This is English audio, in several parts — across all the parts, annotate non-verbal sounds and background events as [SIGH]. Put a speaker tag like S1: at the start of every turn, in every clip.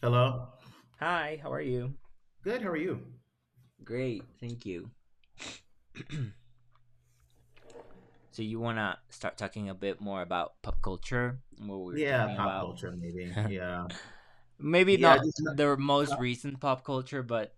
S1: Hello.
S2: Hi, how are you?
S1: Good. How are you?
S2: Great, thank you. So you want to start talking a bit more about pop culture, what we were
S1: Yeah,
S2: talking
S1: pop
S2: about?
S1: culture maybe. Yeah.
S2: Maybe
S1: Yeah, I
S2: not
S1: just not-
S2: the most
S1: pop-
S2: recent pop culture, but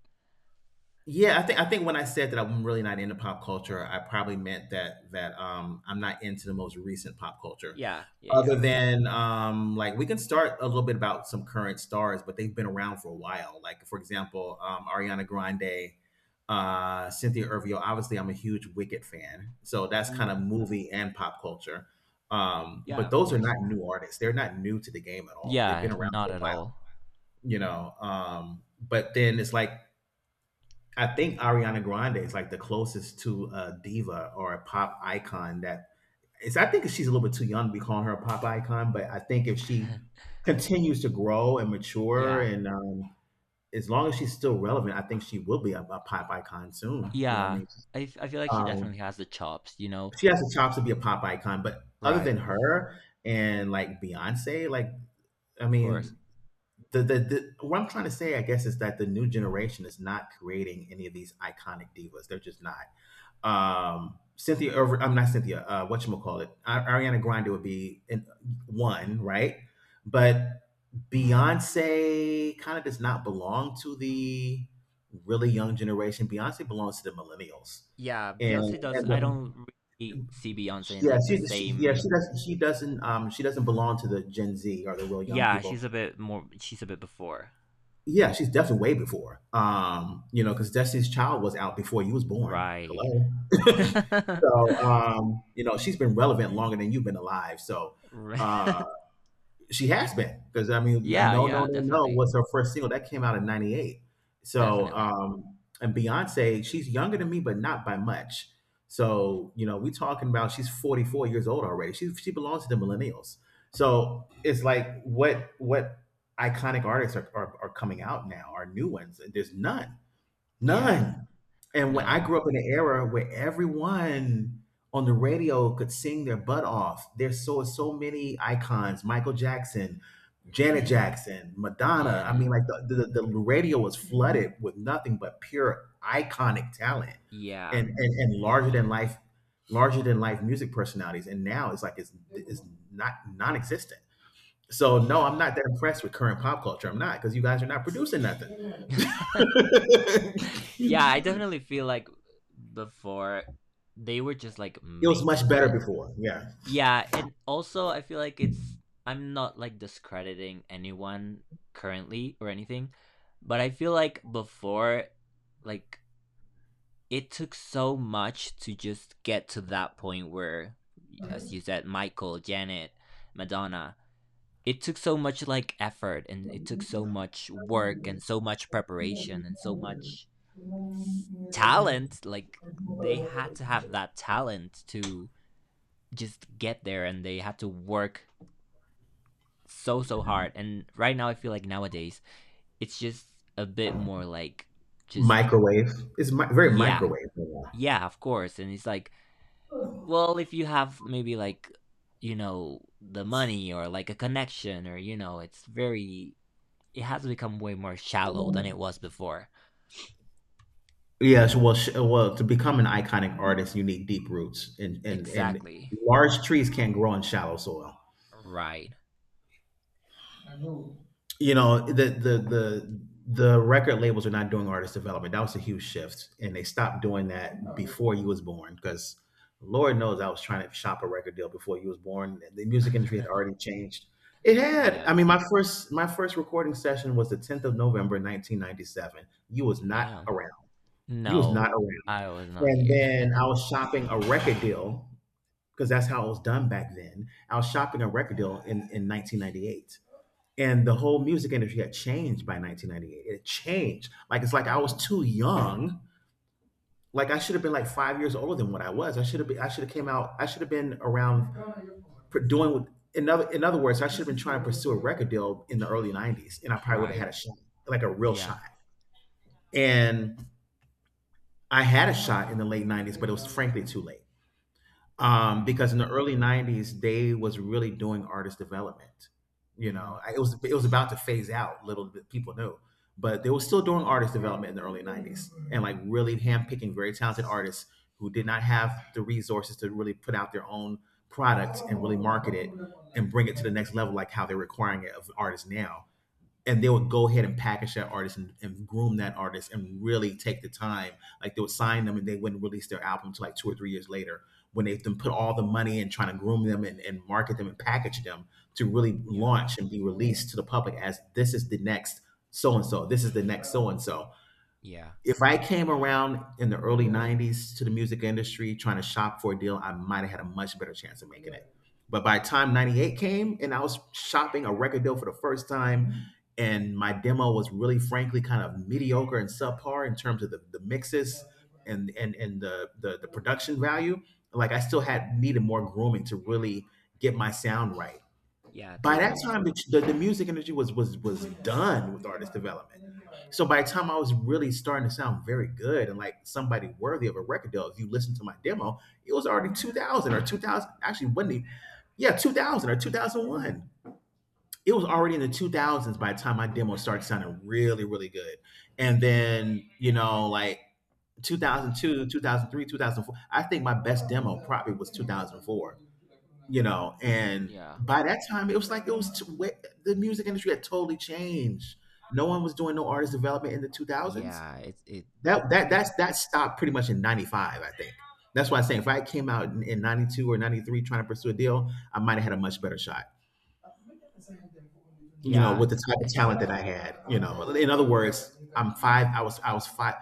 S1: yeah, I think when I said that I'm really not into pop culture, I probably meant that I'm not into the most recent pop culture.
S2: yeah, yeah, yeah.
S1: Other than like we can start a little bit about some current stars, but they've been around for a while. Like for example, Ariana Grande, Cynthia Erivo. Obviously, I'm a huge Wicked fan, so that's kind of
S2: Mm.
S1: movie and pop culture.
S2: Yeah,
S1: But
S2: of
S1: those are
S2: course.
S1: not new artists. They're not new to the game at all. They've been
S2: Yeah,
S1: around for
S2: not
S1: a
S2: at
S1: while,
S2: all.
S1: you know. But then it's like I think Ariana Grande is like the closest to a diva or a pop icon that is I think she's a little bit too young to be calling her a pop icon, but I think if she continues to grow and mature,
S2: Yeah.
S1: and as long as she's still relevant, I think she will be a pop icon soon. You know what I
S2: Yeah.
S1: mean,
S2: I feel like she
S1: um,
S2: definitely has the chops, you know?
S1: she has the chops to be a pop icon, but other
S2: Right.
S1: than her and like Beyonce, like I
S2: Of course.
S1: mean. The what I'm trying to say, I guess, is that the new generation is not creating any of these iconic divas. They're just not. Cynthia, or, I'm not Cynthia. What you call it? Ariana Grande would be in one, right? But Beyonce kind of does not belong to the really young generation. Beyonce belongs to the millennials,
S2: Yeah,
S1: and
S2: Beyonce does.
S1: and
S2: I
S1: the,
S2: don't really see Beyonce in
S1: yeah,
S2: like the
S1: she yeah she
S2: same.
S1: doesn't she doesn't she doesn't belong to the Gen Z or the real young
S2: Yeah, she's
S1: people.
S2: a bit more. She's a bit before.
S1: Yeah, she's definitely way before. You know, because Destiny's Child was out before you was born.
S2: Right.
S1: Hello. [LAUGHS]
S2: [LAUGHS]
S1: So, you know, she's been relevant longer than you've been alive. So,
S2: Right.
S1: uh, she has been because I mean, no,
S2: Yeah,
S1: no, no,
S2: yeah,
S1: no
S2: definitely.
S1: was her first single that came out in '98. So,
S2: Definitely.
S1: and Beyonce, she's younger than me, but not by much. So, you know, we talking about she's 44 years old already. She belongs to the millennials. So it's like what iconic artists are coming out now are new ones. There's none.
S2: Yeah.
S1: None. And when I
S2: No.
S1: grew up in an era where everyone on the radio could sing their butt off. There's so many icons, Michael Jackson, Janet
S2: R-
S1: Jackson, Madonna. I
S2: Janet.
S1: mean, like the radio was flooded with nothing but pure iconic talent
S2: Yeah.
S1: and larger than life music personalities. And now it's like it's not non-existent. So no,
S2: Yeah.
S1: I'm not that impressed with current pop culture. I'm not because you guys are not producing nothing.
S2: [LAUGHS]
S1: [LAUGHS]
S2: Yeah, I definitely feel like before they were just like
S1: It was
S2: made
S1: much better
S2: different.
S1: before. Yeah,
S2: Yeah, and also I feel like it's I'm not like discrediting anyone currently or anything, but I feel like before like it took so much to just get to that point where, as you said, Michael, Janet, Madonna, it took so much like effort and it took so much work and so much preparation and so much talent. Like they had to have that talent to just get there and they had to work so, so hard. And right now, I feel like nowadays it's just a bit more like just,
S1: microwave. It's very
S2: yeah,
S1: microwave. Yeah.
S2: yeah, of course. And it's like, well, if you have maybe like, the money or like a connection or, it's very, it has become way more shallow than it was before.
S1: Yes. Well, well, to become an iconic artist, you need deep roots, and
S2: Exactly.
S1: large trees can't grow in shallow soil.
S2: Right.
S1: You know the record labels are not doing artist development. That was a huge shift, and they stopped doing that before you was born because Lord knows I was trying to shop a record deal before you was born. The music industry had already
S2: [LAUGHS]
S1: changed. It had.
S2: Yeah.
S1: I mean, my first recording session was the 10th of November, 1997. You was not
S2: Damn.
S1: around. You was
S2: No,
S1: not around.
S2: I was not
S1: And
S2: here.
S1: then I was shopping a record deal because that's how it was done back then. I was shopping a record deal in 1998 and the whole music industry had changed by 1998. It changed. Like it's like I was too young. Like I should have been like 5 years older than what I was. I should have came out. I should have been around doing what? In other words, I should have been trying to pursue a record deal in the early 90s and I
S2: [LAUGHS]
S1: probably would have
S2: Right.
S1: had a shot, like a real
S2: Yeah.
S1: shot. And I had a shot in the late 90s but it was frankly too late. Because
S2: Hmm.
S1: in the early '90s they was really doing artist development. You know,
S2: Hmm.
S1: it was about to phase out. Little bit people knew, but they were still doing artist development in the early '90s and like really handpicking very talented artists who did not have the resources to really put out their own product and really market it and bring it to the next level, like how they're requiring it of artists now. And they would go ahead and package that artist and groom that artist and really take the time. Like they would sign them and they wouldn't release their album to like 2 or 3 years later when they've been put all the money in trying to groom them and market them and package them to really
S2: Yeah.
S1: launch and be released to the public as this is the next so and so, this is the next so and so.
S2: Yeah.
S1: If I came around in the early 90s to the music industry trying to shop for a deal, I might have had a much better chance of making it. But by the time 98 came and I was shopping a record deal for the first time, and my demo was really frankly kind of mediocre and subpar in terms of the mixes and the production value, like I still had needed more grooming to really get my sound right.
S2: Yeah.
S1: By
S2: To
S1: that
S2: like,
S1: time the music industry was done with artist development. So by the time I was really starting to sound very good and like somebody worthy of a record deal, if you listen to my demo, it was already 2000, or 2000, actually, wasn't it, yeah, 2000 or 2001. It was already in the 2000s by the time my demo started sounding really really good. And then, you know, like 2002, 2003, 2004. I think my best demo probably was 2004, you know. And
S2: yeah.
S1: by that time it was like it was t- wa- the music industry had totally changed. No one was doing no artist development in the 2000s.
S2: Yeah.
S1: that
S2: It's,
S1: that
S2: it,
S1: that's that stopped pretty much in 95 I think. That's why I'm saying if I came out in 92 or 93 trying to pursue a deal I might have had a much better shot, you know,
S2: yeah.
S1: with the type of
S2: It,
S1: talent that I had. You know, in other words, I was five.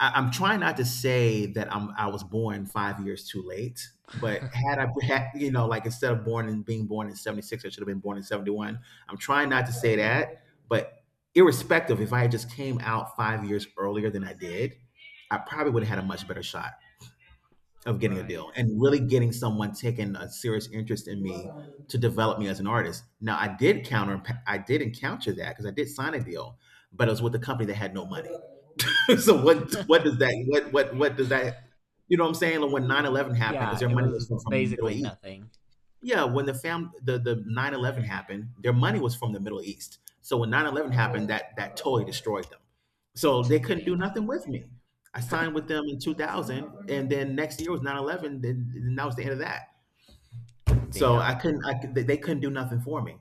S1: I'm trying not to say that I was born 5 years too late, but
S2: I,
S1: had I [LAUGHS] had, you know, like instead of born and being born in '76, I should have been born in '71. I'm trying not to say that, but irrespective, if I had just came out 5 years earlier than I did, I probably would have had a much better shot of getting a
S2: [LAUGHS] right.
S1: deal and really getting someone taking a serious interest in me to develop me as an artist. Now I did encounter that because I did sign a deal, but it was with a company that had no money. [LAUGHS] So
S2: Mm.
S1: what what
S2: [LAUGHS]
S1: does that what what what does that, you know what I'm saying? Like when 9/11 happened, because
S2: Yeah.
S1: their
S2: It
S1: money
S2: was
S1: was from the Middle
S2: basically
S1: East.
S2: nothing.
S1: Yeah, when the 9/11 happened, their money was from the Middle East. So when 9/11 happened, that totally destroyed them. So they
S2: [LAUGHS]
S1: couldn't
S2: Damn.
S1: do nothing with me. I signed with them in 2000, and then next year was 9/11. Then that was the end of that. So I
S2: Damn.
S1: couldn't. They couldn't do nothing for me.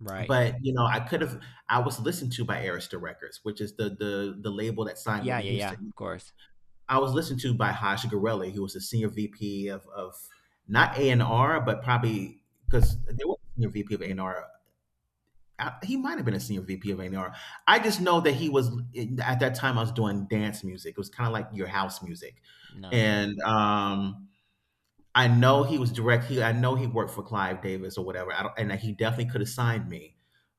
S2: Right.
S1: But you know, I could have. I was listened to by Arista Records, which is the label that signed
S2: Yeah,
S1: Whitney
S2: yeah, yeah.
S1: Houston.
S2: Of course.
S1: I was listened to by Haj Gorelli, who was the senior VP of not A&R, but probably because they were senior VP of A&R. He might have been a senior VP of A&R. I just know that he was at that time. I was doing dance music. It was kind of like your house music,
S2: Nice.
S1: and I know he was direct. He, I know he worked for Clive Davis or whatever. I don't, and he definitely could have signed me,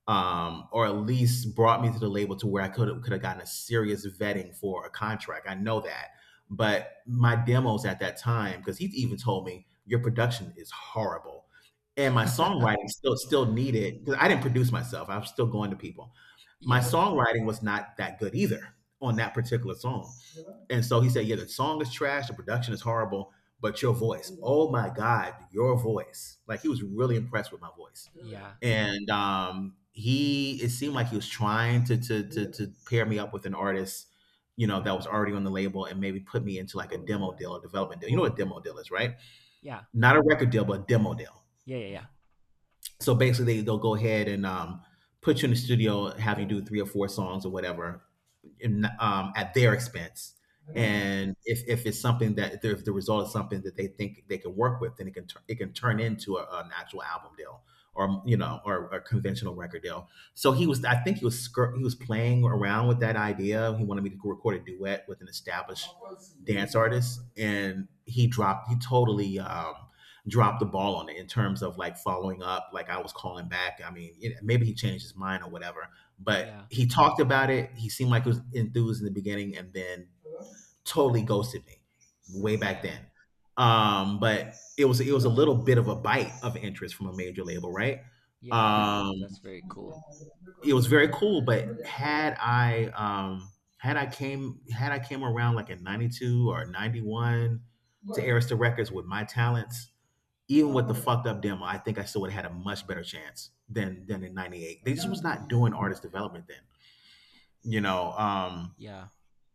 S1: or at least brought me to the label to where I could have gotten a serious vetting for a contract. I know that, but my demos at that time, because he even told me your production is horrible, and my songwriting
S2: [LAUGHS]
S1: still needed. Because I didn't produce myself. I was still going to people. My
S2: Yeah.
S1: songwriting was not that good either on that particular song. And so he said, "Yeah, the song is trash, the production is horrible, but your voice, oh my God, your voice." Like he was really impressed with my voice.
S2: Yeah.
S1: And he it seemed like he was trying to pair me up with an artist, you know, that was already on the label, and maybe put me into like a demo deal, a development deal. You know what a demo deal is, right?
S2: Yeah.
S1: Not a record deal, but a demo deal.
S2: Yeah, yeah, yeah.
S1: So basically they'll go ahead and put you in the studio, have you do three or four songs or whatever, in, at their expense.
S2: Yeah.
S1: And if it's something, that if the result is something that they think they can work with, then it it can turn into a, an actual album deal, or you know, or a conventional record deal. So he was, I think he was he was playing around with that idea. He wanted me to record a duet with an established dance artist, and he totally dropped the ball on it in terms of like following up. Like I was calling back. I mean, you know, maybe he changed his mind or whatever, but
S2: Yeah.
S1: he talked about it. He seemed like he was enthused in the beginning, and then totally ghosted me way back
S2: Damn.
S1: then. But it was a little bit of a bite of interest from a major label, right?
S2: Yeah, of course.
S1: Um,
S2: That's very cool.
S1: it was very cool, but had I came around like in '92 or '91 to Arista Records with my talents, even with the fucked up demo, I think I still would have had a much better chance than in '98. They just was not doing artist development then, you know.
S2: Yeah.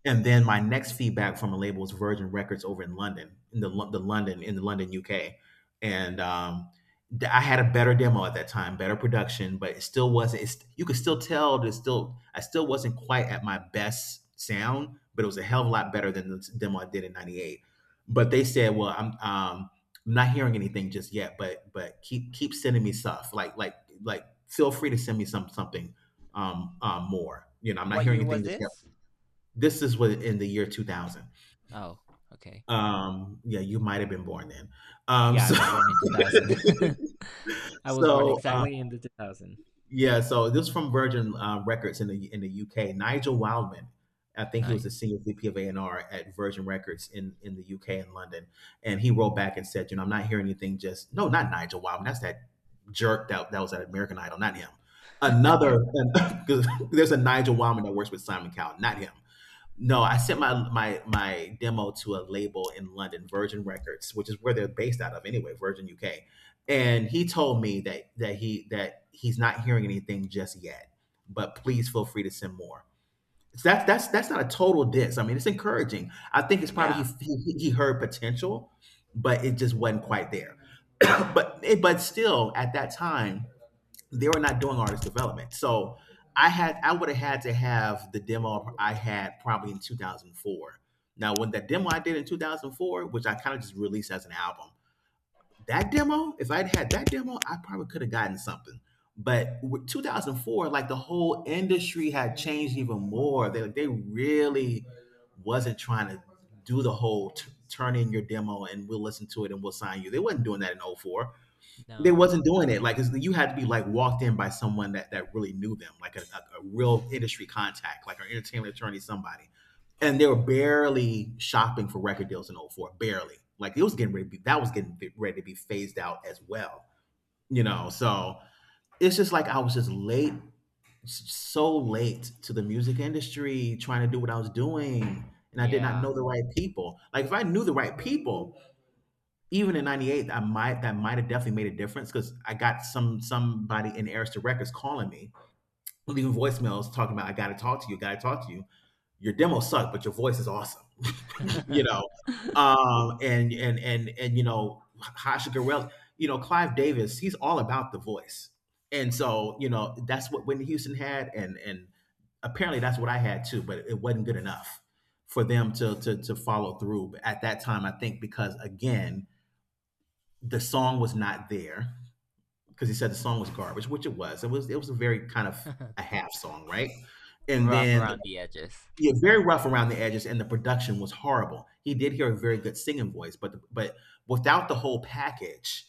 S1: And then my next feedback from a label was Virgin Records over in London, in the London, UK, and I had a better demo at that time, better production, but it still wasn't. It's, you could still tell that it's still I still wasn't quite at my best sound, but it was a hell of a lot better than the demo I did in '98. But they said, "Well, I'm not hearing anything just yet, but keep sending me stuff. Like feel free to send me something more. You know, I'm not
S2: What
S1: hearing
S2: year was
S1: anything just yet."
S2: this?
S1: This is what in the year 2000.
S2: Oh, okay.
S1: Yeah, you might have been born then. Um,
S2: Yeah, I
S1: so,
S2: was
S1: [LAUGHS]
S2: born in 2000. [LAUGHS] I was born
S1: so uh,
S2: exactly in the 2000.
S1: yeah, so this is from Virgin Records in the UK. Nigel Wildman, I think he was the
S2: Nice.
S1: senior VP of A&R at Virgin Records in the UK in London, and he wrote back and said, you know, I'm not hearing anything. Just no, not Nigel Wildman. That's that jerk that was at American Idol, not him. Another, [LAUGHS] 'cause there's a Nigel Wildman that works with Simon Cowell, not him. No, I sent my demo to a label in London, Virgin Records, which is where they're based out of anyway, Virgin UK. And he told me that he that he's not hearing anything just yet, but please feel free to send more. So that's not a total diss. I mean, it's encouraging. I think it's probably
S2: Yeah.
S1: he heard potential, but it just wasn't quite there. [CLEARS THROAT] But still, at that time, they were not doing artist development. So I would have had to have the demo I had probably in 2004. Now, when that demo I did in 2004, which I kind of just released as an album, that demo, if I'd had that demo, I probably could have gotten something. But with 2004, like the whole industry had changed even more. They really wasn't trying to do the whole turn in your demo and we'll listen to it and we'll sign you. They wasn't doing that in oh four. They
S2: No.
S1: wasn't doing it. Like it's, you had to be like walked in by someone that really knew them, like a real industry contact, like an entertainment attorney, somebody. And they were barely shopping for record deals in '04, barely. Like it was getting ready to be that was getting ready to be phased out as well. You know, so it's just like I was just late, so late to the music industry, trying to do what I was doing, and I did not
S2: Yeah.
S1: know the right people. Like if I knew the right people, even in 98, I might, that might have definitely made a difference, because I got somebody in Arista Records calling me, leaving voicemails, talking about, "I gotta talk to you, gotta talk to you, your demo sucked but your voice is awesome." [LAUGHS] You know,
S2: [LAUGHS]
S1: and you know, Hasha Gurel, you know, Clive Davis, he's all about the voice. And so, you know, that's what Whitney Houston had, and apparently that's what I had too, but it wasn't good enough for them to follow through at that time, I think, because again, the song was not there. Because he said the song was garbage, which it was. It was a very kind of a half song, right? And
S2: Rough
S1: then
S2: around the edges.
S1: yeah, very rough around the edges, and the production was horrible. He did hear a very good singing voice, but without the whole package,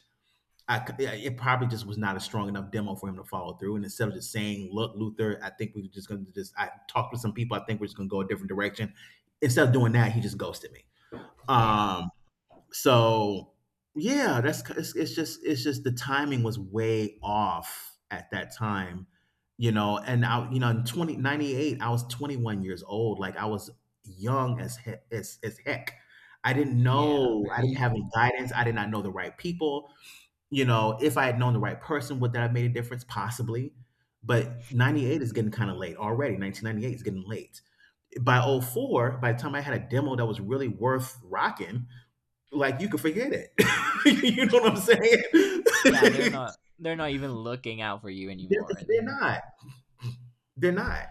S1: yeah, it probably just was not a strong enough demo for him to follow through. And instead of just saying, "Look, Luther, I think we're just going to just I talked with some people. I think we're just going to go a different direction," instead of doing that, he just ghosted me.
S2: Damn.
S1: Um, so yeah, that's it's just the timing was way off at that time, you know. And I, you know, in 20 98, I was 21 years old. Like I was young as as heck. I didn't
S2: Yeah,
S1: know. I
S2: very
S1: didn't have
S2: young.
S1: any guidance. I did not know the right people. You know, if I had known the right person, would that have made a difference? Possibly. But 98 is getting kind of late already. 1998 is getting late. By oh four, by the time I had a demo that was really worth rocking, like you can forget it. [LAUGHS] You know what I'm
S2: Yeah, they're
S1: saying? [LAUGHS]
S2: not they're not even looking out for you
S1: they're,
S2: anymore.
S1: they're
S2: They're
S1: not. They're not.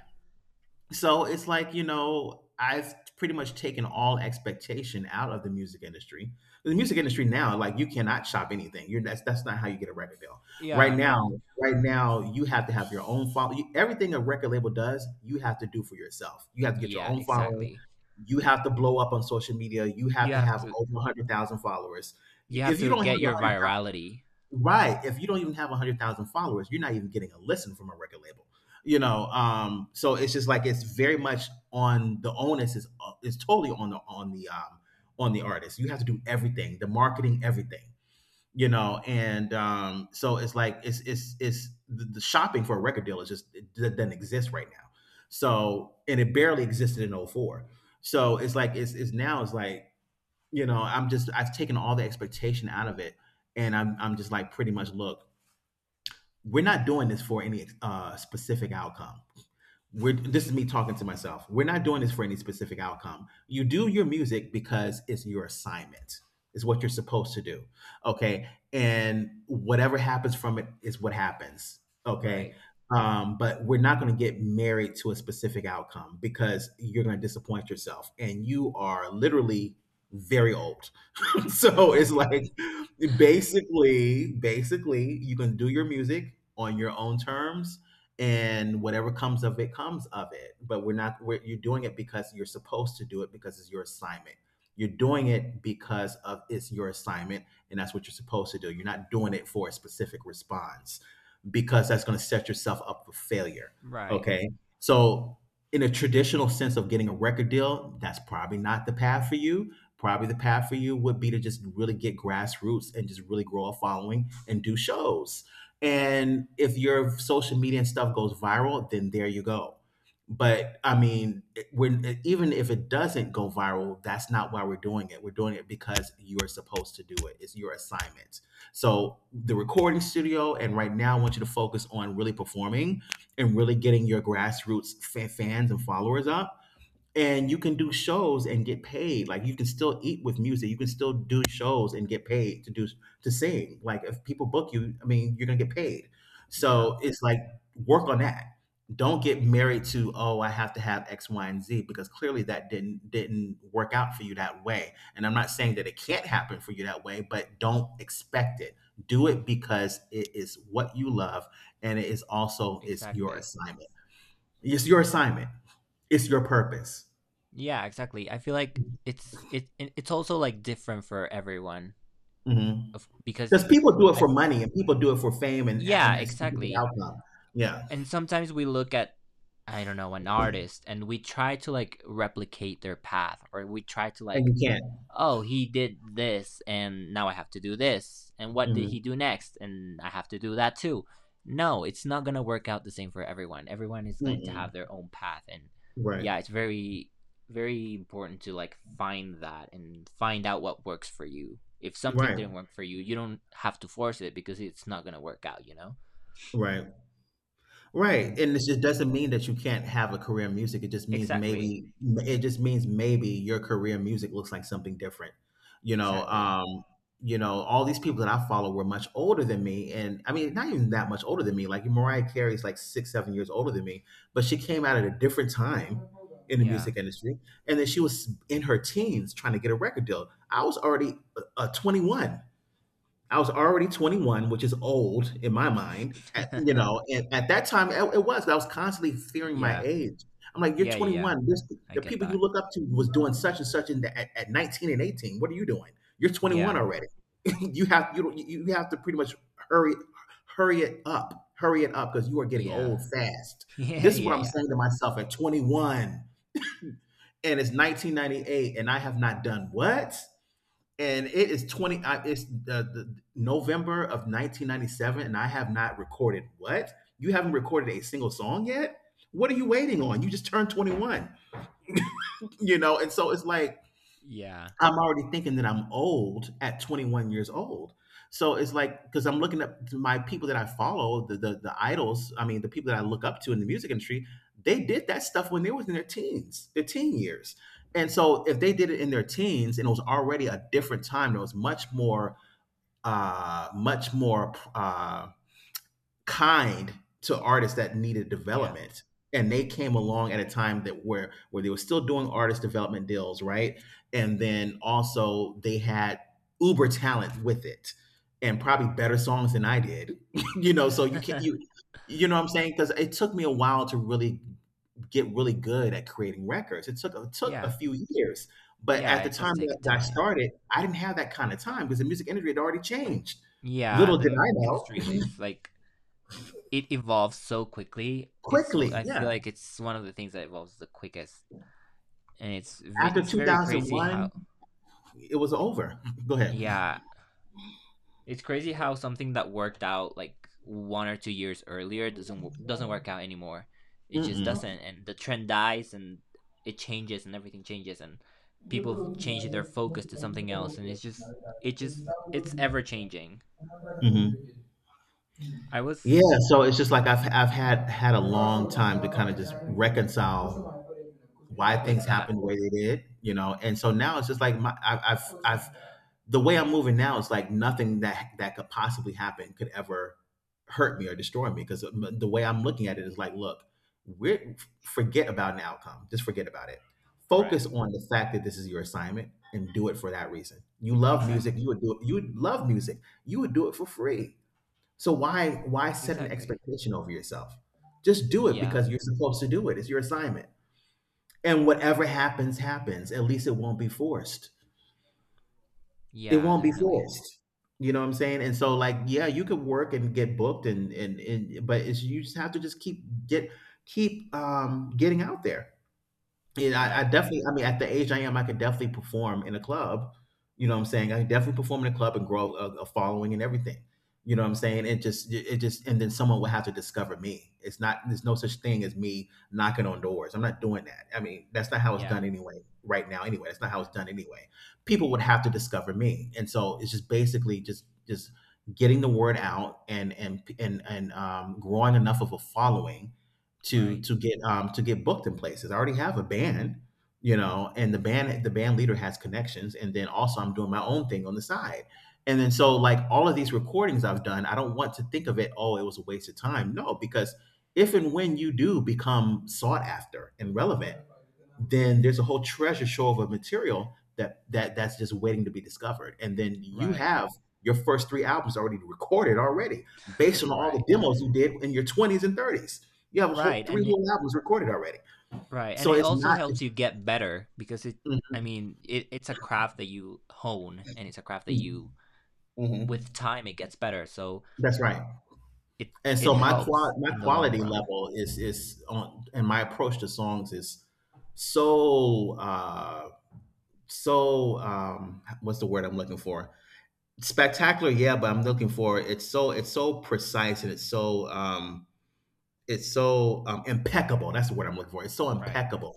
S1: So it's like, you know, I've pretty much taken all expectation out of the music industry. The music industry now, like you cannot shop anything. You're That's not how you get a record deal. Right
S2: yeah,
S1: now,
S2: no.
S1: you have to have your own follow. You, everything a record label does, you have to do for yourself. You have to get your
S2: Yeah,
S1: own following.
S2: exactly.
S1: You have to blow up on social media. You have
S2: You
S1: to
S2: have
S1: have
S2: to
S1: over 100,000 followers. You,
S2: you have
S1: if you
S2: to
S1: don't
S2: get your
S1: have
S2: virality.
S1: Right. If you don't even have 100,000 followers, you're not even getting a listen from a record label. You know, so it's just like it's very much on the onus is totally on the on the artist. You have to do everything, the marketing, everything. You know, and so it's like the shopping for a record deal is just, it doesn't exist right now. So, and it barely existed in '04. So it's like it's now it's like, you know, I'm just, I've taken all the expectation out of it, and I'm just like pretty much, look, we're not doing this for any specific outcome. We're, this is me talking to myself. We're not doing this for any specific outcome. You do your music because it's your assignment. It's what you're supposed to do. Okay? And whatever happens from it is what happens. Okay?
S2: Right.
S1: But we're not going to get married to a specific outcome, because you're going to disappoint yourself and you are literally very old. [LAUGHS] So it's
S2: [LAUGHS]
S1: like, basically, you can do your music on your own terms, and whatever comes of it comes of it. But we're not. You're doing it because you're supposed to do it, because it's your assignment. You're doing it because of, it's your assignment, and that's what you're supposed to do. You're not doing it for a specific response, because that's going to set yourself up for failure.
S2: Right.
S1: Okay. So, in a traditional sense of getting a record deal, that's probably not the path for you. Probably the path for you would be to just really get grassroots and just really grow a following and do shows. And if your social media and stuff goes viral, then there you go. But I mean, it- when even if it doesn't go viral, that's not why we're doing it. We're doing it because you are supposed to do it. It's your assignment. So the recording studio, and right now, I want you to focus on really performing and really getting your grassroots fans and followers up, and you can do shows and get paid. Like, you can still eat with music. You can still do shows and get paid to sing. Like if people book you, I mean, you're gonna get paid.
S2: Yeah,
S1: So it's like, work on that. Don't get married to, oh, I have to have X, Y, and Z, because clearly that didn't work out for you that way. And I'm not saying that it can't happen for you that way, but don't expect it. Do it because it is what you love, and it is also, it's your
S2: exactly.
S1: assignment. It's your assignment. It's your purpose.
S2: Yeah, exactly. I feel like it's also like different for everyone of
S1: Because
S2: because
S1: people do it
S2: I
S1: for money, and people do it for fame, and,
S2: yeah,
S1: a specific
S2: exactly.
S1: outcome. Yeah.
S2: And sometimes we look at I don't know, an artist and we try to like replicate their path or we try to
S1: And
S2: like
S1: you can't.
S2: oh, he did this and now I have to do this. And what did he
S1: Mhm.
S2: do next? And I have to do that too. No, it's not going to work out the same for everyone. Everyone is going to have
S1: Mm-mm.
S2: their own path. And
S1: Right.
S2: yeah, it's very, very important to like find that and find out what works for you. If something
S1: Right.
S2: didn't work for you, you don't have to force it because it's not going to work out, you know?
S1: Right. Right,
S2: And-
S1: and this just doesn't mean that you can't have a career in music. It just means
S2: exactly.
S1: maybe it just means maybe your career in music looks like something different. You know,
S2: Exactly.
S1: um, all these people that I follow were much older than me, and I mean, not even that much older than me. Like Mariah Carey is like six, 7 years older than me, but she came out at a different time in the
S2: Yeah.
S1: music industry, and then she was in her teens trying to get a record deal. I was already 21, which is old in my mind, at,
S2: [LAUGHS]
S1: you
S2: Yeah.
S1: know. And at that time, it was. I was constantly fearing my
S2: Yeah.
S1: age. I'm like, you're
S2: Yeah. Yeah.
S1: 21. This
S2: I
S1: the
S2: get
S1: people you
S2: that.
S1: look up to was doing such and such in the, at 19 and 18. What are you doing? You're
S2: Yeah.
S1: 21
S2: Yeah. [LAUGHS]
S1: already. [LAUGHS] You have to pretty much hurry hurry it up, because you are getting
S2: Yeah.
S1: old fast.
S2: Yeah.
S1: This is what I'm
S2: Yeah.
S1: saying to myself at 21, and it's 1998, and I have not done what? And it is 20 I, it's the November of 1997, and I have not recorded what? You haven't recorded a single song yet. What are you waiting on? You just turned 21. You know. And so it's like,
S2: Yeah.
S1: I'm already thinking that I'm old at 21 years old. So it's like, because I'm looking at my people that I follow, the, the idols, I mean, the people that I look up to in the music industry. They did that stuff when they was in their teens, their teen years. And so if they did it in their teens, and it was already a different time, there was much more uh, much more uh, kind to artists that needed
S2: Yeah.
S1: development. And they came along at a time that where they were still doing artist development deals, right? And then also they had uber talent with it, and probably better songs than I did, [LAUGHS] you know. So you can't, you
S2: [LAUGHS]
S1: you know what I'm saying? Because it took me a while to really get really good at creating records. It took a
S2: Yeah.
S1: few years, but
S2: Yeah,
S1: at the
S2: it does
S1: time
S2: take a
S1: that I
S2: time.
S1: started, I didn't have that kind of time because the music industry had already changed.
S2: Yeah,
S1: Little
S2: the
S1: did
S2: music
S1: I
S2: industry
S1: know,
S2: is like it evolves so quickly.
S1: [LAUGHS]
S2: It's
S1: quickly,
S2: I
S1: yeah.
S2: feel like it's one of the things that evolves the quickest, and it's
S1: After
S2: it's very crazy
S1: 2001,
S2: how
S1: it was over. [LAUGHS] Go ahead.
S2: yeah. It's crazy how something that worked out like 1 or 2 years earlier doesn't work out anymore. It just doesn't,
S1: Mm-mm.
S2: and the trend dies, and it changes, and everything changes, and people change their focus to something else, and it's just it just it's ever changing.
S1: Mhm.
S2: I
S1: Yeah,
S2: was
S1: so it's just like, I've had a long time to kind of just reconcile why
S2: With
S1: things
S2: that,
S1: happened the way they did, you know. And so now it's just like, my I, I've the way I'm moving now is like nothing that that could possibly happen could ever hurt me or destroy me. Because the way I'm looking at it is like, look, we are forget about an outcome. Just forget about it. Focus
S2: right?
S1: on the fact that this is your assignment and do it for that reason. You love music, you
S2: Exactly,
S1: would do it. You would love music, you would do it for free. So why set an
S2: exactly.
S1: expectation over yourself? Just do it
S2: Yeah,
S1: because you're supposed to do it. It's your assignment. And whatever happens happens. At least it won't be forced. It
S2: yeah,
S1: won't be
S2: definitely.
S1: forced. You know what I'm saying? And so like, yeah, you could work and get booked, and, but it's, you just have to just keep getting out there. Yeah, I
S2: Right.
S1: definitely, I mean, at the age I am, I could definitely perform in a club. You know what I'm saying? I could definitely perform in a club and grow a following and everything. You know what I'm saying? And then someone would have to discover me. It's not, there's no such thing as me knocking on doors. I'm not doing that. I mean, that's not how it's
S2: Yeah.
S1: done anyway, right now, anyway. That's not how it's done anyway. People would have to discover me. And so it's just basically just getting the word out and growing enough of a following to
S2: Right.
S1: to get um to get booked in places. I already have a band, you know, and the band leader has connections, and then also I'm doing my own thing on the side. And then so like, all of these recordings I've done, I don't want to think of it, oh, it was a waste of time. No, because if and when you do become sought after and relevant, then there's a whole treasure trove of material that's just waiting to be discovered. And then you
S2: Right.
S1: have your first three albums already recorded already,
S2: [LAUGHS]
S1: based on all
S2: Right.
S1: the demos you did in your 20s and 30s. You have a whole
S2: Right.
S1: three
S2: And
S1: whole albums recorded already.
S2: Right. And
S1: So
S2: it
S1: it's
S2: also
S1: not.
S2: helps
S1: It's,
S2: you get better because it, I mean, it's a craft that you hone and it's a craft that
S1: Mm-hmm.
S2: you, with
S1: mm-hmm.
S2: time, it gets better. So
S1: that's right.
S2: it,
S1: And
S2: it
S1: so my
S2: helps
S1: qual- my
S2: in the long
S1: quality
S2: run.
S1: level is on, and my approach to songs is so uh what's the word I'm looking for? Spectacular, yeah, but I'm looking for, it's so precise, and it's so um, impeccable. That's the word I'm looking for. It's so
S2: Right.
S1: impeccable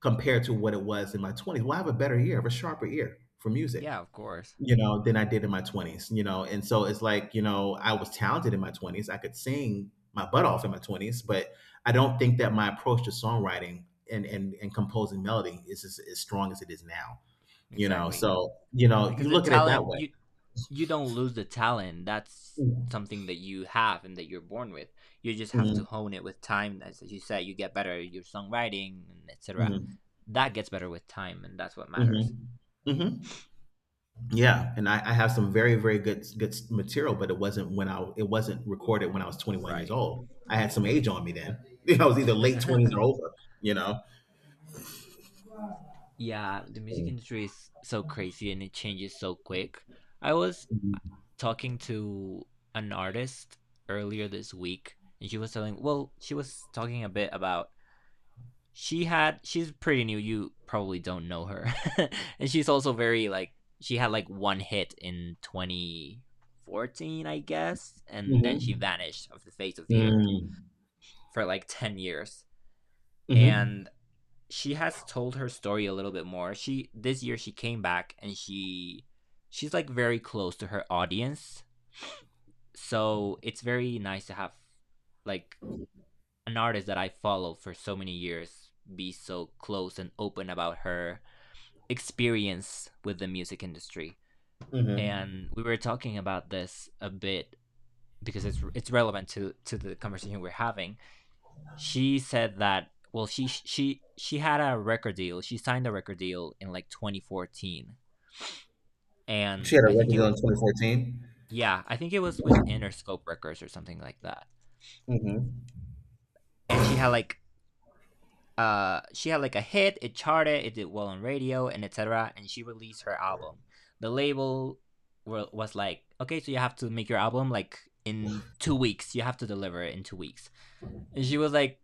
S1: compared to what it was in my 20s. Well, I have a better ear, I have a sharper ear for music,
S2: Yeah, of course.
S1: you know, than I did in my 20s, you know? And so it's like, you know, I was talented in my 20s. I could sing my butt off in my 20s, but I don't think that my approach to songwriting and, and composing melody is as strong as it is now, you know?
S2: Exactly.
S1: So, you know,
S2: Because
S1: you
S2: the
S1: look at it that
S2: talent,
S1: way.
S2: you don't lose the talent. That's something that you have and that you're born with. You just have to
S1: Mhm,
S2: hone it with time. As you said, you get better, your songwriting, and etc.
S1: mhm,
S2: That gets better with time, and that's what matters.
S1: mhm, mhm. Yeah, and I have some very, very good good material, but it wasn't when I, it wasn't recorded when I was 21 years
S2: Right.
S1: old. I had some age on me then. [LAUGHS] I was either late 20s or
S2: [LAUGHS]
S1: over, you know.
S2: Yeah, the music
S1: Mhm.
S2: industry is so crazy and it changes so quick. I was talking to an artist earlier this week and well, she was talking a bit about she's pretty new, you probably don't know her. [LAUGHS] And she's also very like she had like one hit in 2014, I guess, and then she
S1: Mhm.
S2: vanished off the face of the earth
S1: Mm.
S2: for like 10 years.
S1: Mhm.
S2: And she has told her story a little bit more. She This year she came back and she's like very close to her audience. So it's very nice to have like an artist that I follow for so many years be so close and open about her experience with the music industry.
S1: Mhm.
S2: And we were talking about this a bit because it's relevant to the conversation we're having. She said that, well, she signed a record deal in like 2014.
S1: She
S2: And
S1: had a
S2: I think
S1: record
S2: it
S1: deal in 2014.
S2: yeah, I think it was with Interscope Records or something like that.
S1: Mm.
S2: And she had like a hit. It charted, it did well on radio, and etc. And she released her album. The label was like, okay, so you have to make your album like in 2 weeks. You have to deliver it in 2 weeks. She was like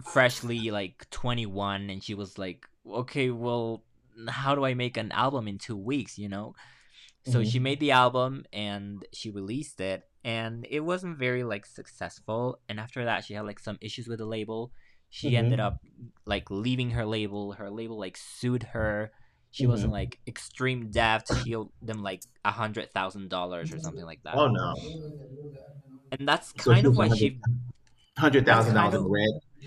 S2: freshly like 21 and she was like, okay, well, how do I make an album in 2 weeks, you know? So she
S1: Mhm.
S2: made the album and she released it and it wasn't very like successful. And after that, she had like some issues with the label. She ended
S1: Mhm.
S2: up like leaving her label. Her label like sued her. She
S1: Mhm.
S2: wasn't
S1: Mhm.
S2: like extreme debt. She owed them like $100,000 or something like that.
S1: Oh, no.
S2: And that's
S1: So
S2: kind
S1: she
S2: of
S1: was a
S2: why
S1: hundred
S2: she.
S1: hundred
S2: That's
S1: thousand
S2: kind
S1: dollars in the
S2: of
S1: red?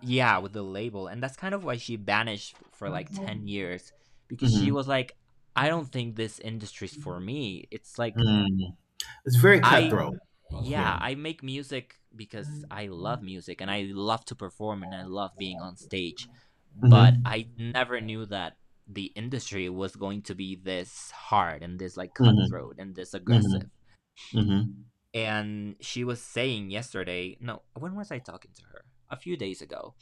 S2: Yeah, with the label. And that's kind of why she banished for like 10 years because she
S1: Mhm.
S2: was like, I don't think this industry's for me. It's like,
S1: Mm. It's very
S2: I,
S1: cutthroat.
S2: yeah,
S1: Yeah.
S2: I make music because I love music and I love to perform and I love being on stage. But
S1: Mhm.
S2: I never knew that the industry was going to be this hard and this like
S1: Mhm.
S2: cutthroat and this aggressive.
S1: Mhm. Mhm.
S2: And she was saying yesterday, no, when was I talking to her? A few days ago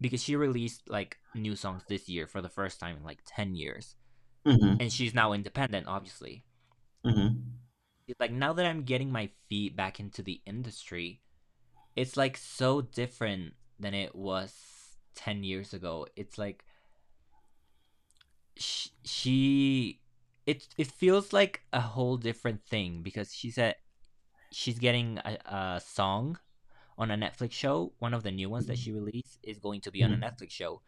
S2: because she released like new songs this year for the first time in like 10 years
S1: Mhm.
S2: and she's now independent, obviously.
S1: Mhm.
S2: She's like, now that I'm getting my feet back into the industry, it's like so different than it was 10 years ago. It's like sh- she it feels like a whole different thing because she said she's getting a song on a Netflix show. One of the new ones that she released is going to be on a
S1: Mhm.
S2: Netflix show.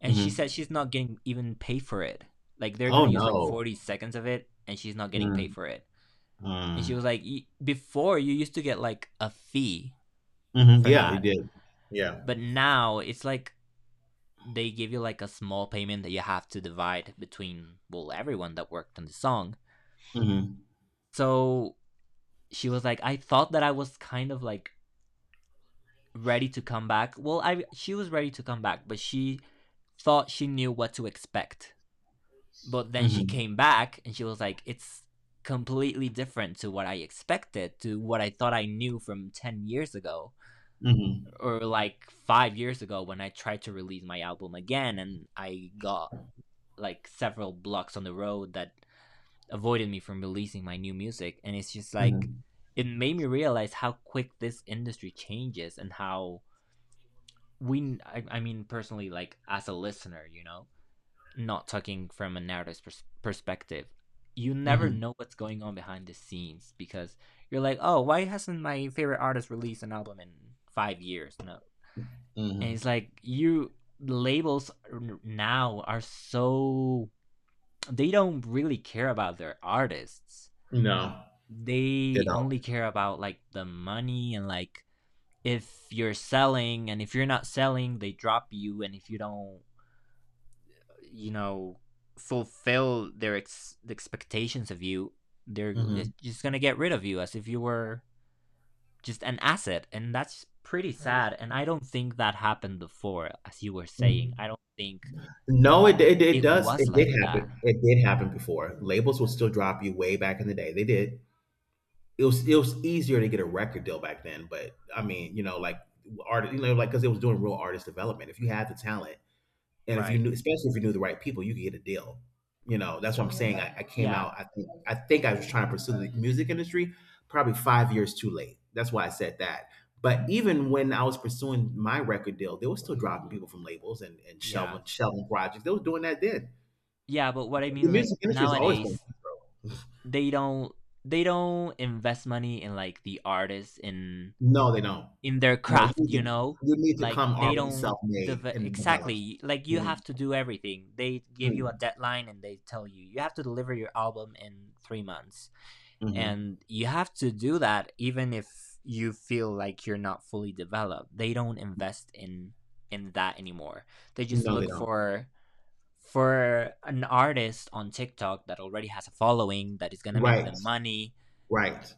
S2: And she said
S1: Mhm.
S2: she's not getting even paid for it. Like they're
S1: Oh,
S2: gonna use like
S1: no.
S2: 40 seconds of it, and she's not getting paid
S1: Mm.
S2: for it. And
S1: Mm.
S2: she was like, before you used to get like a fee
S1: Mhm.
S2: for
S1: Yeah, he
S2: that,
S1: did. Yeah.
S2: but now it's like they give you like a small payment that you have to divide between well everyone that worked on the song.
S1: Mhm.
S2: So she was like, I thought that I was kind of like ready to come back. Well, I she was ready to come back, but she thought she knew what to expect. But then she
S1: Mhm.
S2: came back and she was like, it's completely different to what I expected, to what I thought I knew from 10 years ago,
S1: Mhm.
S2: or like 5 years ago when I tried to release my album again and I got like several blocks on the road that avoided me from releasing my new music. And it's just like,
S1: Mhm.
S2: it made me realize how quick this industry changes and how I mean, personally, like as a listener, not talking from a narrative perspective. You never
S1: Mhm.
S2: know what's going on behind the scenes. Because you're like, oh, why hasn't my favorite artist released an album in 5 years? No, and
S1: Mhm.
S2: it's like, you, labels now are so, they don't really care about their artists.
S1: No. They
S2: They
S1: don't.
S2: only care about like the money, and like, if you're selling. And if you're not selling, they drop you. And if you don't, you know fulfill their expectations of you, they're
S1: Mhm.
S2: just gonna get rid of you as if you were just an asset. And that's pretty sad, and I don't think that happened before. As you were saying,
S1: Mm.
S2: I don't think
S1: No, it
S2: it
S1: does.
S2: was
S1: It did
S2: like that.
S1: happen. It did happen before. Labels will still drop you way back in the day. They did. It was easier to get a record deal back then, but I mean, you know, like art, you know, like because it was doing real artist development. If you had the talent, and if you
S2: Right.
S1: knew, especially if you knew the right people, you could get a deal. You know, that's what I'm saying. I came
S2: Yeah.
S1: out. I think I was trying to pursue the music industry probably 5 years too late. That's why I said that. But even when I was pursuing my record deal, they were still dropping people from labels and,
S2: Yeah,
S1: shelving projects. They were doing that then.
S2: yeah, but what I
S1: The
S2: mean like
S1: music industry has always been.
S2: nowadays, they don't, they don't invest money in like the artists
S1: No, they don't.
S2: in their
S1: No,
S2: craft, you know.
S1: you need to
S2: Like
S1: come
S2: they
S1: already
S2: don't
S1: self made and developed.
S2: exactly, like you
S1: Hmm.
S2: have to do everything. They give you a
S1: Hmm.
S2: deadline and they tell you you have to deliver your album in 3 months, and you have to do that even if you feel like you're not fully developed. They don't invest in that anymore. They just
S1: No, they
S2: look
S1: don't.
S2: for an artist on TikTok that already has a following that is going to make
S1: Right,
S2: them money.
S1: right.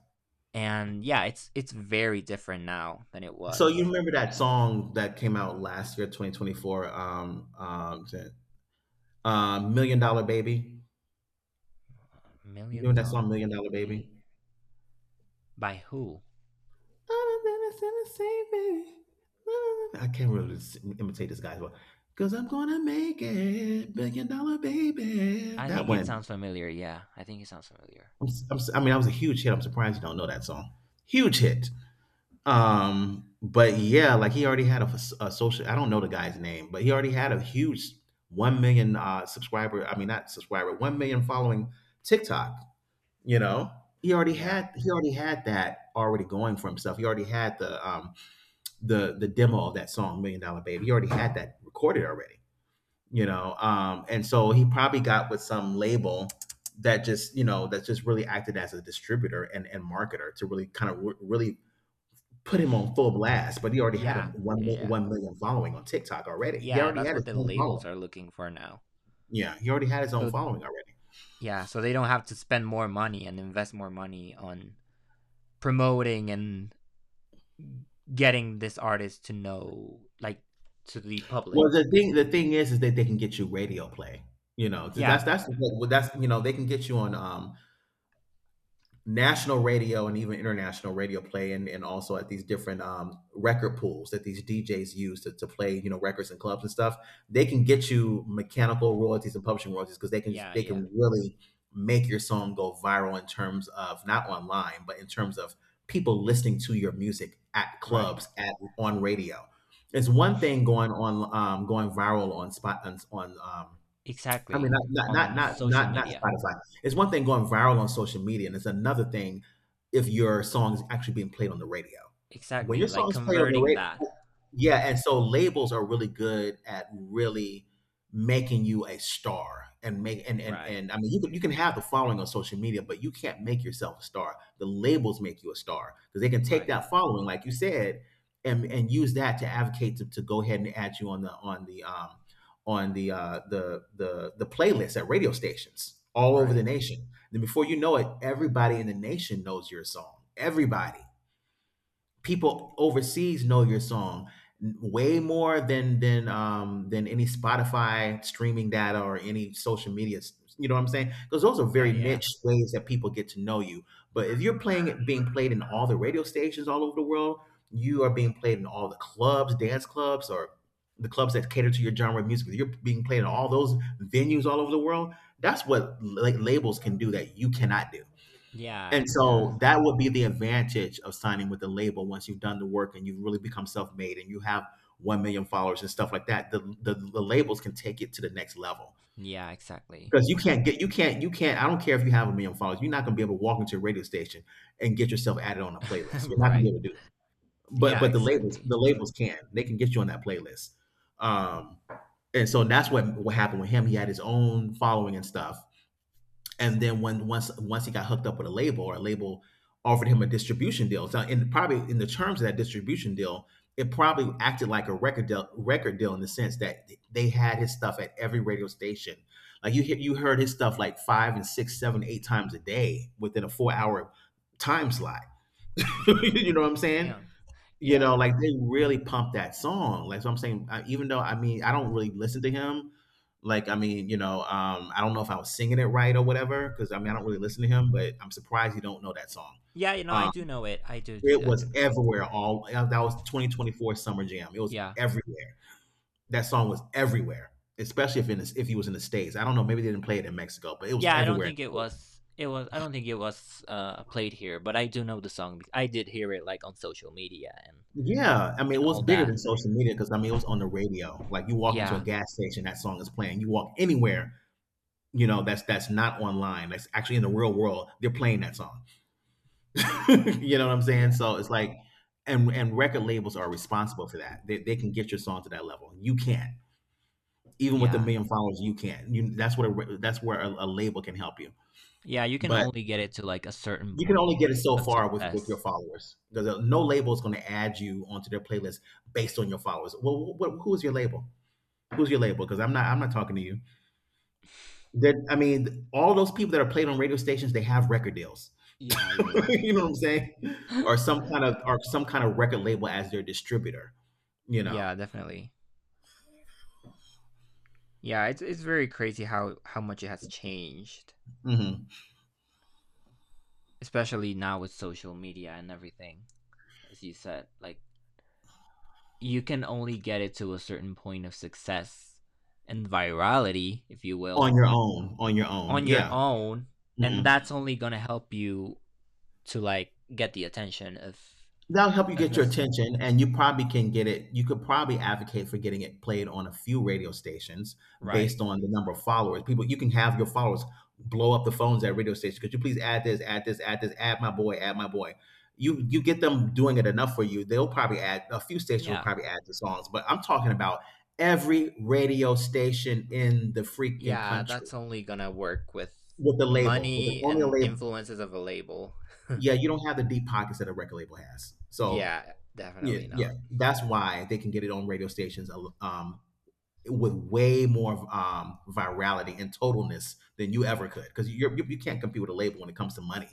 S2: And yeah, it's very different now than it
S1: So you
S2: was.
S1: remember that song that came out last year, 2024, Million Dollar Baby? You
S2: Million
S1: know that
S2: Dollar
S1: song, Million Dollar Baby?
S2: Baby by who?
S1: I can't really imitate this guy's voice. 'Cause I'm gonna make it, Million Dollar Baby.
S2: I
S1: That
S2: think it
S1: one.
S2: sounds familiar. Yeah, I think it sounds familiar.
S1: I mean, that was a huge hit. I'm surprised you don't know that song. Huge hit. But yeah, like he already had a, a social. I don't know the guy's name, but he already had a huge 1 million subscriber. I mean, not subscriber, 1 million following TikTok. You know,
S2: Yeah,
S1: he already had that already going for himself. He already had the the demo of that song Million Dollar Baby. He already had that recorded already. You know, and so he probably got with some label that just, you know, that just really acted as a distributor and marketer to really kind of really put him on full blast, but he already had a
S2: yeah, yeah, yeah,
S1: 1 million following on TikTok already. He
S2: yeah.
S1: already
S2: That's
S1: had
S2: what
S1: his
S2: the
S1: own
S2: labels
S1: following.
S2: are looking for now.
S1: Yeah, he already had his own
S2: So
S1: following already.
S2: yeah, so they don't have to spend more money and invest more money on promoting and getting this artist to know, like, to the
S1: Well,
S2: public.
S1: the thing is that they can get you radio play. You know,
S2: Yeah,
S1: that's the thing. Well, that's, you know, they can get you on national radio and even international radio play, and also at these different record pools that these DJs use to play, you know, records and clubs and stuff. They can get you mechanical royalties and publishing royalties because
S2: yeah,
S1: they
S2: yeah.
S1: can really make your song go viral in terms of not online, but in terms of people listening to your music at
S2: Right.
S1: clubs, at on radio. It's one thing going on going viral on I mean,
S2: Exactly. On social
S1: not
S2: media.
S1: Spotify. It's one thing going viral on social media, and it's another thing if your song is actually being played on the radio. When
S2: Exactly.
S1: your song
S2: Like
S1: is played on the
S2: converting that.
S1: radio, yeah, and so labels are really good at really making you a star, and make
S2: Right.
S1: and I mean you can have the following on social media, but you can't make yourself a star. The labels make you a star because they can take
S2: Right.
S1: that following, like you said, and use that to advocate to go ahead and add you on the the playlists at radio stations all over the
S2: Right.
S1: nation. Then before you know it, everybody in the nation knows your song. Everybody, people overseas know your song way more than than any Spotify streaming data or any social media, you know what I'm saying, because those are
S2: Yeah,
S1: very
S2: yeah.
S1: niche ways that people get to know you. But if you're playing it being played in all the radio stations all over the world, you are being played in all the clubs, dance clubs, or the clubs that cater to your genre of music, you're being played in all those venues all over the world. That's what, like, labels can do that you cannot do.
S2: Yeah,
S1: And
S2: yeah,
S1: so that would be the advantage of signing with the label once you've done the work and you've really become self-made and you have 1 million followers and stuff like that. The labels can take it to the next level.
S2: yeah, exactly.
S1: Because you can't, I don't care if you have a million followers, you're not gonna be able to walk into a radio station and get yourself added on a
S2: [LAUGHS]
S1: playlist. You're not gonna be
S2: Right.
S1: able to do it. But
S2: Yeah,
S1: but
S2: exactly.
S1: the labels can. They can get you on that playlist. Um and so that's what happened with him. He had his own following and stuff, and then when once he got hooked up with a label, or a label offered him a distribution deal. So in, probably in the terms of that distribution deal, it probably acted like a record deal in the sense that they had his stuff at every radio station. Like you hear, you heard his stuff like 5 and 6, 7, 8 times a day within a 4 hour time slot. [LAUGHS]
S2: [LAUGHS]
S1: You know what I'm saying?
S2: Damn.
S1: You
S2: Yeah.
S1: know, like, they really pumped that song, like, so I'm saying, even though, I mean, I don't really listen to him, like, I mean, you know, I don't know if I was singing it right or whatever. Because I mean, I don't really listen to him, but I'm surprised you don't know that song.
S2: Yeah, you know, I
S1: Um,
S2: do know it. I do,
S1: it
S2: do I
S1: was
S2: do know it.
S1: everywhere. All That was 2024 Summer Jam, it was
S2: Yeah.
S1: everywhere. That song was everywhere, especially if he was in the States. I don't know, maybe they didn't play it in Mexico, but it was
S2: Yeah, I don't
S1: everywhere.
S2: think it was I don't think it was played here, but I do know the song. I did hear it like on social media
S1: Yeah, I mean, it
S2: and
S1: was
S2: all
S1: bigger
S2: that.
S1: than social media. Because I mean, it was on the radio, like, you walk into a
S2: Yeah.
S1: gas station, that song is playing, you walk anywhere, you know, that's not online, that's actually in the real world, they're playing that song. [LAUGHS] You know what I'm saying?
S2: Yeah.
S1: So it's like, and record labels are responsible for that. They can get your song to that level. You can't, even with a
S2: Yeah.
S1: million followers you can't, you, that's what that's where a label can help you.
S2: Yeah, you can
S1: But
S2: only get it to like a certain
S1: you can only
S2: point
S1: get it so
S2: of
S1: far with your
S2: success.
S1: followers, because no label is going to add you onto their playlist based on your followers. Well, what, who's your label? Who's your label? Because I'm not talking to you. That I mean, all those people that are played on radio stations, they have record deals.
S2: Yeah,
S1: [LAUGHS]
S2: yeah,
S1: You know what I'm saying?
S2: yeah.
S1: Or some kind of record label as their distributor, you
S2: [LAUGHS]
S1: know.
S2: Yeah, definitely. Yeah, it's very crazy how much it has changed,
S1: Mhm.
S2: especially now with social media and everything. As you said, like, you can only get it to a certain point of success and virality, if you
S1: On
S2: will,
S1: your own, on your own.
S2: on your
S1: Yeah.
S2: own. And
S1: Mhm.
S2: that's only going to help you to like get the attention
S1: That'll help you
S2: of
S1: get your
S2: us.
S1: attention, and you probably can get it. You could probably advocate for getting it played on a few radio stations
S2: Right.
S1: based on the number of followers. People, you can have your followers blow up the phones at radio stations. Could you please add this, add this, add this, add my boy, add my boy? You get them doing it enough for you. They'll probably add, a few stations will
S2: Yeah.
S1: probably add the songs, but I'm talking about every radio station in the freaking
S2: Yeah,
S1: country,
S2: that's only going to work with
S1: with the label, with their
S2: money
S1: own
S2: and
S1: label.
S2: influences of a label.
S1: Yeah, you don't have the deep pockets that a record label has. So,
S2: Yeah,
S1: yeah,
S2: definitely
S1: yeah.
S2: not.
S1: That's why they can get it on radio stations with way more virality and totalness than you ever could, because you can't compete with a label when it comes to money,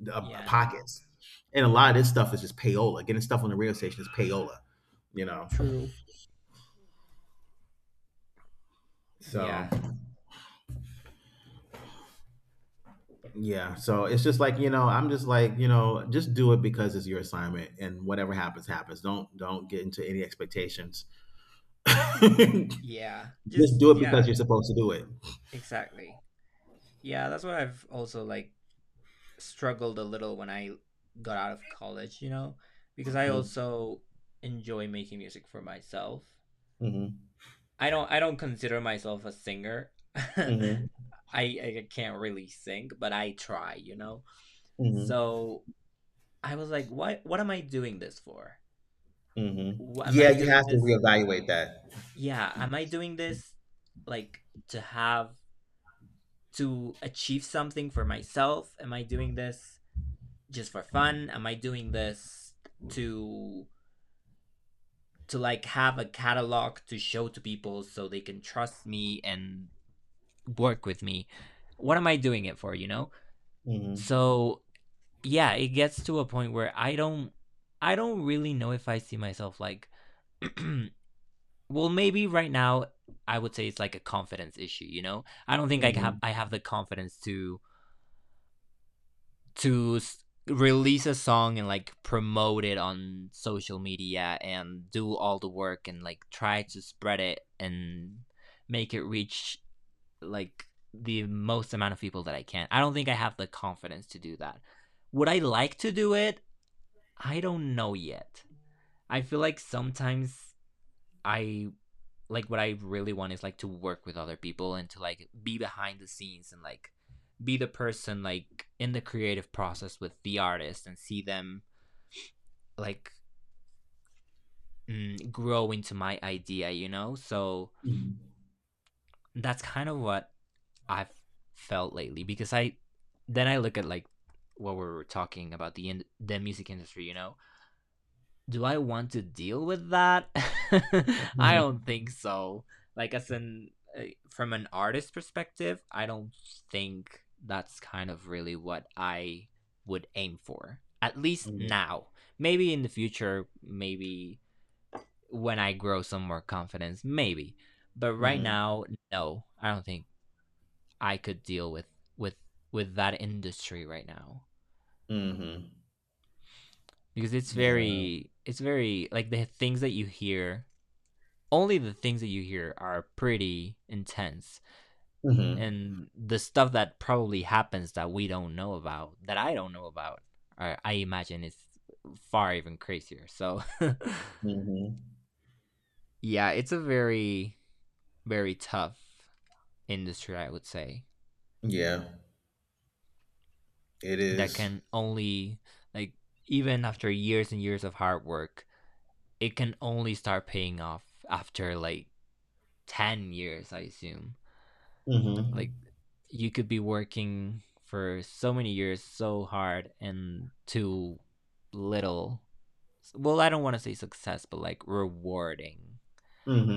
S1: the,
S2: Yeah. No.
S1: pockets, and a lot of this stuff is just payola. Getting stuff on the radio station is payola, you know.
S2: True. Yeah.
S1: So yeah, so it's just like, you know, I'm just like, you know, just do it because it's your assignment, and whatever happens, happens. Don't get into any expectations. [LAUGHS]
S2: Yeah,
S1: Just
S2: just
S1: do it because
S2: yeah.
S1: you're supposed to do it.
S2: Exactly. Yeah, that's what I've also like struggled a little when I got out of college, you know, because I also enjoy making music for myself.
S1: Hmm.
S2: I don't consider myself a singer. [LAUGHS]
S1: Hmm.
S2: I can't really sing, but I try, you know.
S1: Hmm.
S2: So I was like, what am I doing this for?
S1: Hmm.
S2: Am
S1: Yeah,
S2: I
S1: you
S2: doing
S1: have to
S2: this?
S1: reevaluate that.
S2: Yeah, am I doing this like to have to achieve something for myself? Am I doing this just for fun? Am I doing this to to like have a catalog to show to people so they can trust me and work with me? What am I doing it for, you know?
S1: Hmm.
S2: So, yeah, it gets to a point where I don't really know if I see myself like [CLEARS THROAT] well, maybe right now I would say it's like a confidence issue, you know? I don't think
S1: Hmm.
S2: I have the confidence to release a song and like promote it on social media and do all the work and like try to spread it and make it reach like the most amount of people that I can. I don't think I have the confidence to do that. Would I like to do it? I don't know yet. I feel like sometimes I like what I really want is like to work with other people and to like be behind the scenes and like be the person like in the creative process with the artist and see them like grow into my idea, you know? So
S1: Hmm.
S2: that's kind of what I've felt lately, because I then I look at like what we were talking about the the music industry, you know? Do I want to deal with that? [LAUGHS] I don't
S1: Hmm.
S2: think so. Like as an uh, from an artist perspective, I don't think that's kind of really what I would aim for. At least
S1: Hmm.
S2: now. Maybe in the future, maybe when I grow some more confidence, maybe. But right
S1: Hmm.
S2: now, no. I don't think I could deal with with with that industry right now,
S1: Hmm.
S2: because
S1: Yeah.
S2: it's very like the things that you hear, only the things that you hear are pretty intense.
S1: Hmm.
S2: And the stuff that probably happens that we don't know about, that I don't know about, I imagine is far even crazier, so [LAUGHS]
S1: Hmm.
S2: yeah, it's a very very tough industry, I would say.
S1: Yeah, it
S2: That
S1: is.
S2: can only like even after years and years of hard work, it can only start paying off after like 10 years, I assume. Like
S1: Mm-hmm.
S2: you could be working for so many years so hard and too little, well, I don't want to say success, but like rewarding.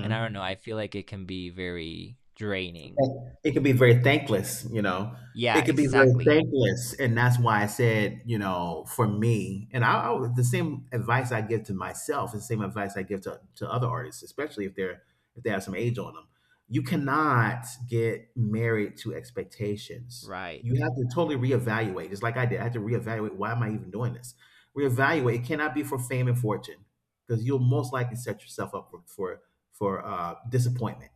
S2: And I don't know, I feel like it can be very draining.
S1: It could be very thankless, you know.
S2: Yeah,
S1: It could be very
S2: exactly.
S1: thankless, and that's why I said, you know, for me, and I the same advice I give to myself, is the same advice I give to other artists, especially if they're, if they have some age on them. You cannot get married to expectations.
S2: Right.
S1: You have to totally reevaluate, just like I did. I had to reevaluate, why am I even doing this? Reevaluate. It cannot be for fame and fortune, because you'll most likely set yourself up for for disappointment.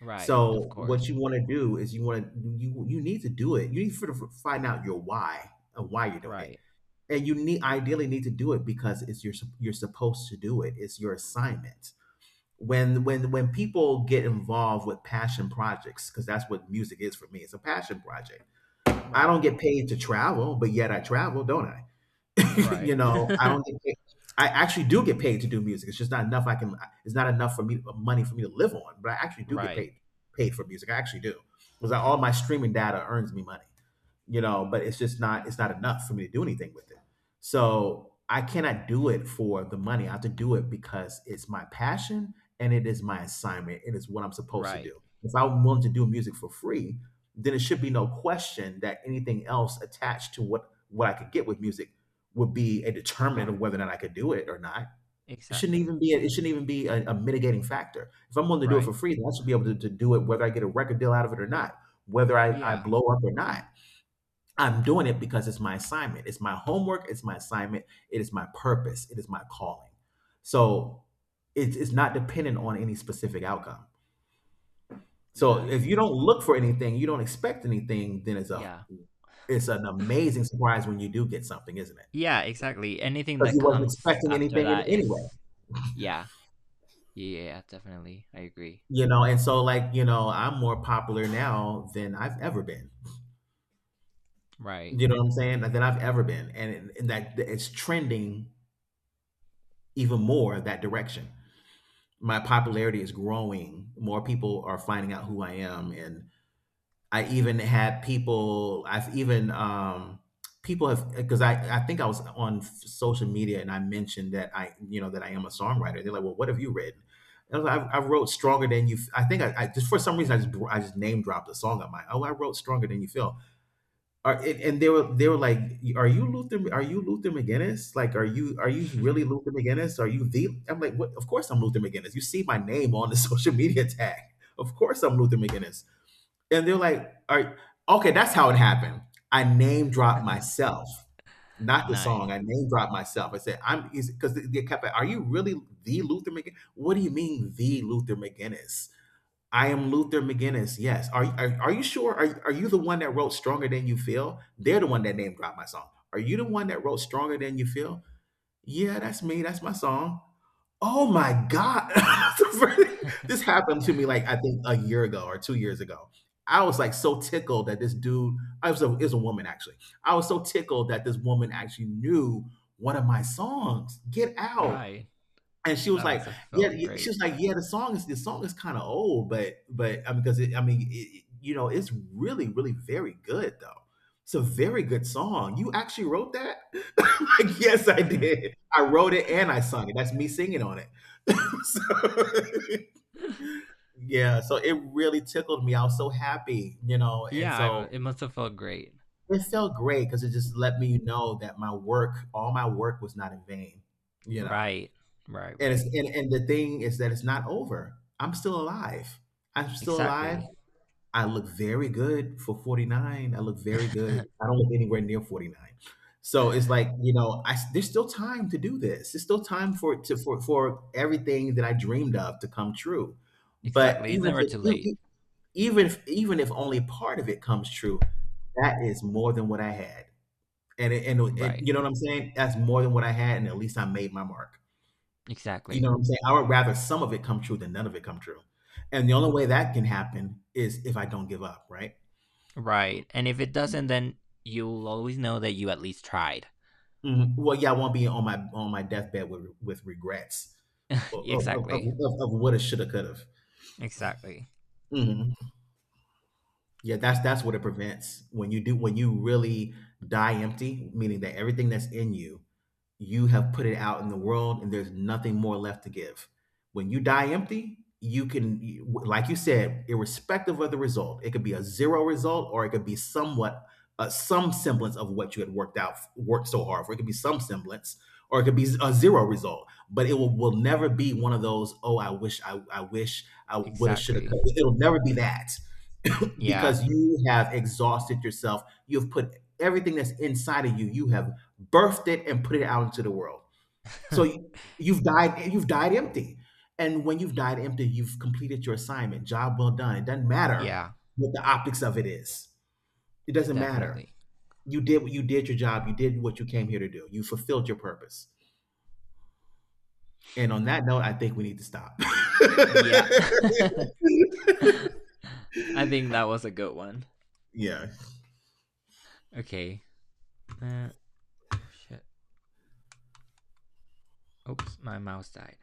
S2: Right, of
S1: So what
S2: course.
S1: you want to do is you want to, you need to do it. You need to find out your why and why you're doing it,
S2: Right.
S1: and you need, ideally need to do it because it's your you're supposed to do it. It's your assignment. When when people get involved with passion projects, because that's what music is for me. It's a passion project. I
S2: Right.
S1: don't get paid to travel, but yet I travel, don't I? [LAUGHS] You
S2: Right.
S1: know, I don't get paid. I actually do get paid to do music. It's just not enough. I can. It's not enough for me, money for me to live on. But I actually
S2: [LAUGHS]
S1: do get
S2: Right.
S1: paid, paid for music. I actually do, because all my streaming data earns me money. You know, but it's just not. It's not enough for me to do anything with it. So I cannot do it for the money. I have to do it because it's my passion, and it is my assignment. It is what I'm supposed to
S2: Right.
S1: do. If I'm willing to do music for free, then it should be no question that anything else attached to what I could get with music would be a determinant of whether or not I could do it or not. It shouldn't
S2: Exactly.
S1: even be a, it shouldn't even be a mitigating factor. If I'm willing to do it
S2: Right.
S1: for free, then I should be able to do it whether I get a record deal out of it or not, whether I
S2: Yeah.
S1: blow up or not. I'm doing it because it's my assignment. It's my homework. It's my assignment. It is my purpose. It is my calling. So it's not dependent on any specific outcome.
S2: Yeah,
S1: So if you don't
S2: definitely.
S1: look for anything, you don't expect anything, then
S2: Yeah.
S1: it's an amazing surprise when you do get something, isn't it?
S2: Yeah, exactly. Anything
S1: Because
S2: that
S1: you wasn't
S2: comes
S1: expecting
S2: after
S1: anything in
S2: that
S1: anyway.
S2: is, yeah. Yeah, definitely. I agree.
S1: You know, and so, I'm more popular now than I've ever been.
S2: Right.
S1: You know what I'm saying? Like, than I've ever been, and that it's trending even more that direction. My popularity is growing. More people are finding out who I am, and I even had people have, because I think I was on social media and I mentioned that I, you know, that I am a songwriter. They're like, well, what have you written? And I was like, I wrote Stronger Than You, I think I just, for some reason, I just name dropped a song of mine. Oh, I wrote Stronger Than You Feel. Are, and they were like, "Are you Luther? Are you Luther McGinnis? Like, are you really Luther McGinnis? Are you the?" I'm like, "What? Of course I'm Luther McGinnis. You see my name on the [LAUGHS] social media tag. Of course I'm Luther McGinnis." And they're like, all right, okay, that's how it happened. I name dropped
S2: [LAUGHS]
S1: myself, not the
S2: Nice.
S1: song. I name dropped myself. I said, because they kept, like, are you really the Luther McGinnis? What do you mean, the Luther McGinnis? I am Luther McGinnis. Yes. Are you sure? Are you the one that wrote Stronger Than You Feel? They're the one that name dropped my song. Are you the one that wrote Stronger Than You Feel? Yeah, that's me. That's my song. Oh my god. [LAUGHS] This happened to me, like, I think a year ago or 2 years ago. I was, like, so tickled that this dude I was a it was a woman, actually. I was so tickled that this woman actually knew one of my songs, "Get Out,"
S2: Right.
S1: and she was
S2: That
S1: like,
S2: must have felt
S1: She
S2: great.
S1: was like, "Yeah, the song is kinda old, but, I mean, because it I mean, it you know, it's really very good, though. It's a very good song. You actually wrote that?" [LAUGHS] Like, "Yes, I
S2: [LAUGHS]
S1: did. I wrote it and I sung it. That's me singing on it." [LAUGHS] So, [LAUGHS] yeah, so it really tickled me. I was so happy, you know, and
S2: Yeah, I,
S1: so
S2: it must have felt great.
S1: it felt great because it just let me know that all my work was not in vain, you know.
S2: Right. Right,
S1: And it's
S2: right.
S1: and, and the thing is that it's not over. I'm still alive. I'm still alive.
S2: Exactly.
S1: I look very good for 49. I look very good. I don't look anywhere near 49. So it's like, you know, I there's still time to do this. There's still time for it to for everything that I dreamed of to come true. But
S2: Exactly. It's
S1: even if
S2: never
S1: it,
S2: too
S1: e,
S2: late.
S1: e, even if only part of it comes true, that is more than what I had.
S2: Right.
S1: You know what I'm saying? That's more than what I had, and at least I made my mark. You know
S2: Exactly.
S1: what I'm saying? I would rather some of it come true than none of it come true. And the only way that can happen is if I don't give up, right?
S2: Right. And if it doesn't, then you'll always know that you at least tried.
S1: Mhm. Well, yeah, I won't be on my deathbed with regrets
S2: [LAUGHS]
S1: of of, of, of
S2: Exactly.
S1: of what it should have could have.
S2: Exactly.
S1: Hmm. Yeah, that's what it prevents when you do when you really die empty, meaning that everything that's in you, you have put it out in the world and there's nothing more left to give. When you die empty, you can, like you said, irrespective of the result, it could be a zero result or it could be somewhat, some semblance of what you had worked so hard for. It could be some semblance or it could be a zero result, but it will never be one of those, oh, I wish, I wish I would have, should have.
S2: Exactly.
S1: It'll never be that
S2: Yeah.
S1: because you have exhausted yourself. You've put everything that's inside of you, you have birthed it and put it out into the world. So you- you've died empty. And when you've died empty, you've completed your assignment. Job well done. It doesn't
S2: [LAUGHS]
S1: matter
S2: Yeah.
S1: what the optics of it is. It doesn't matter.
S2: Definitely.
S1: You did your job. You did what you came here to do. You fulfilled your purpose. And on that note, I think we need to stop.
S2: Yeah. [LAUGHS] I think that was a good one.
S1: [LAUGHS] Yeah.
S2: Okay. Uh, oh shit. Oops, my mouse died.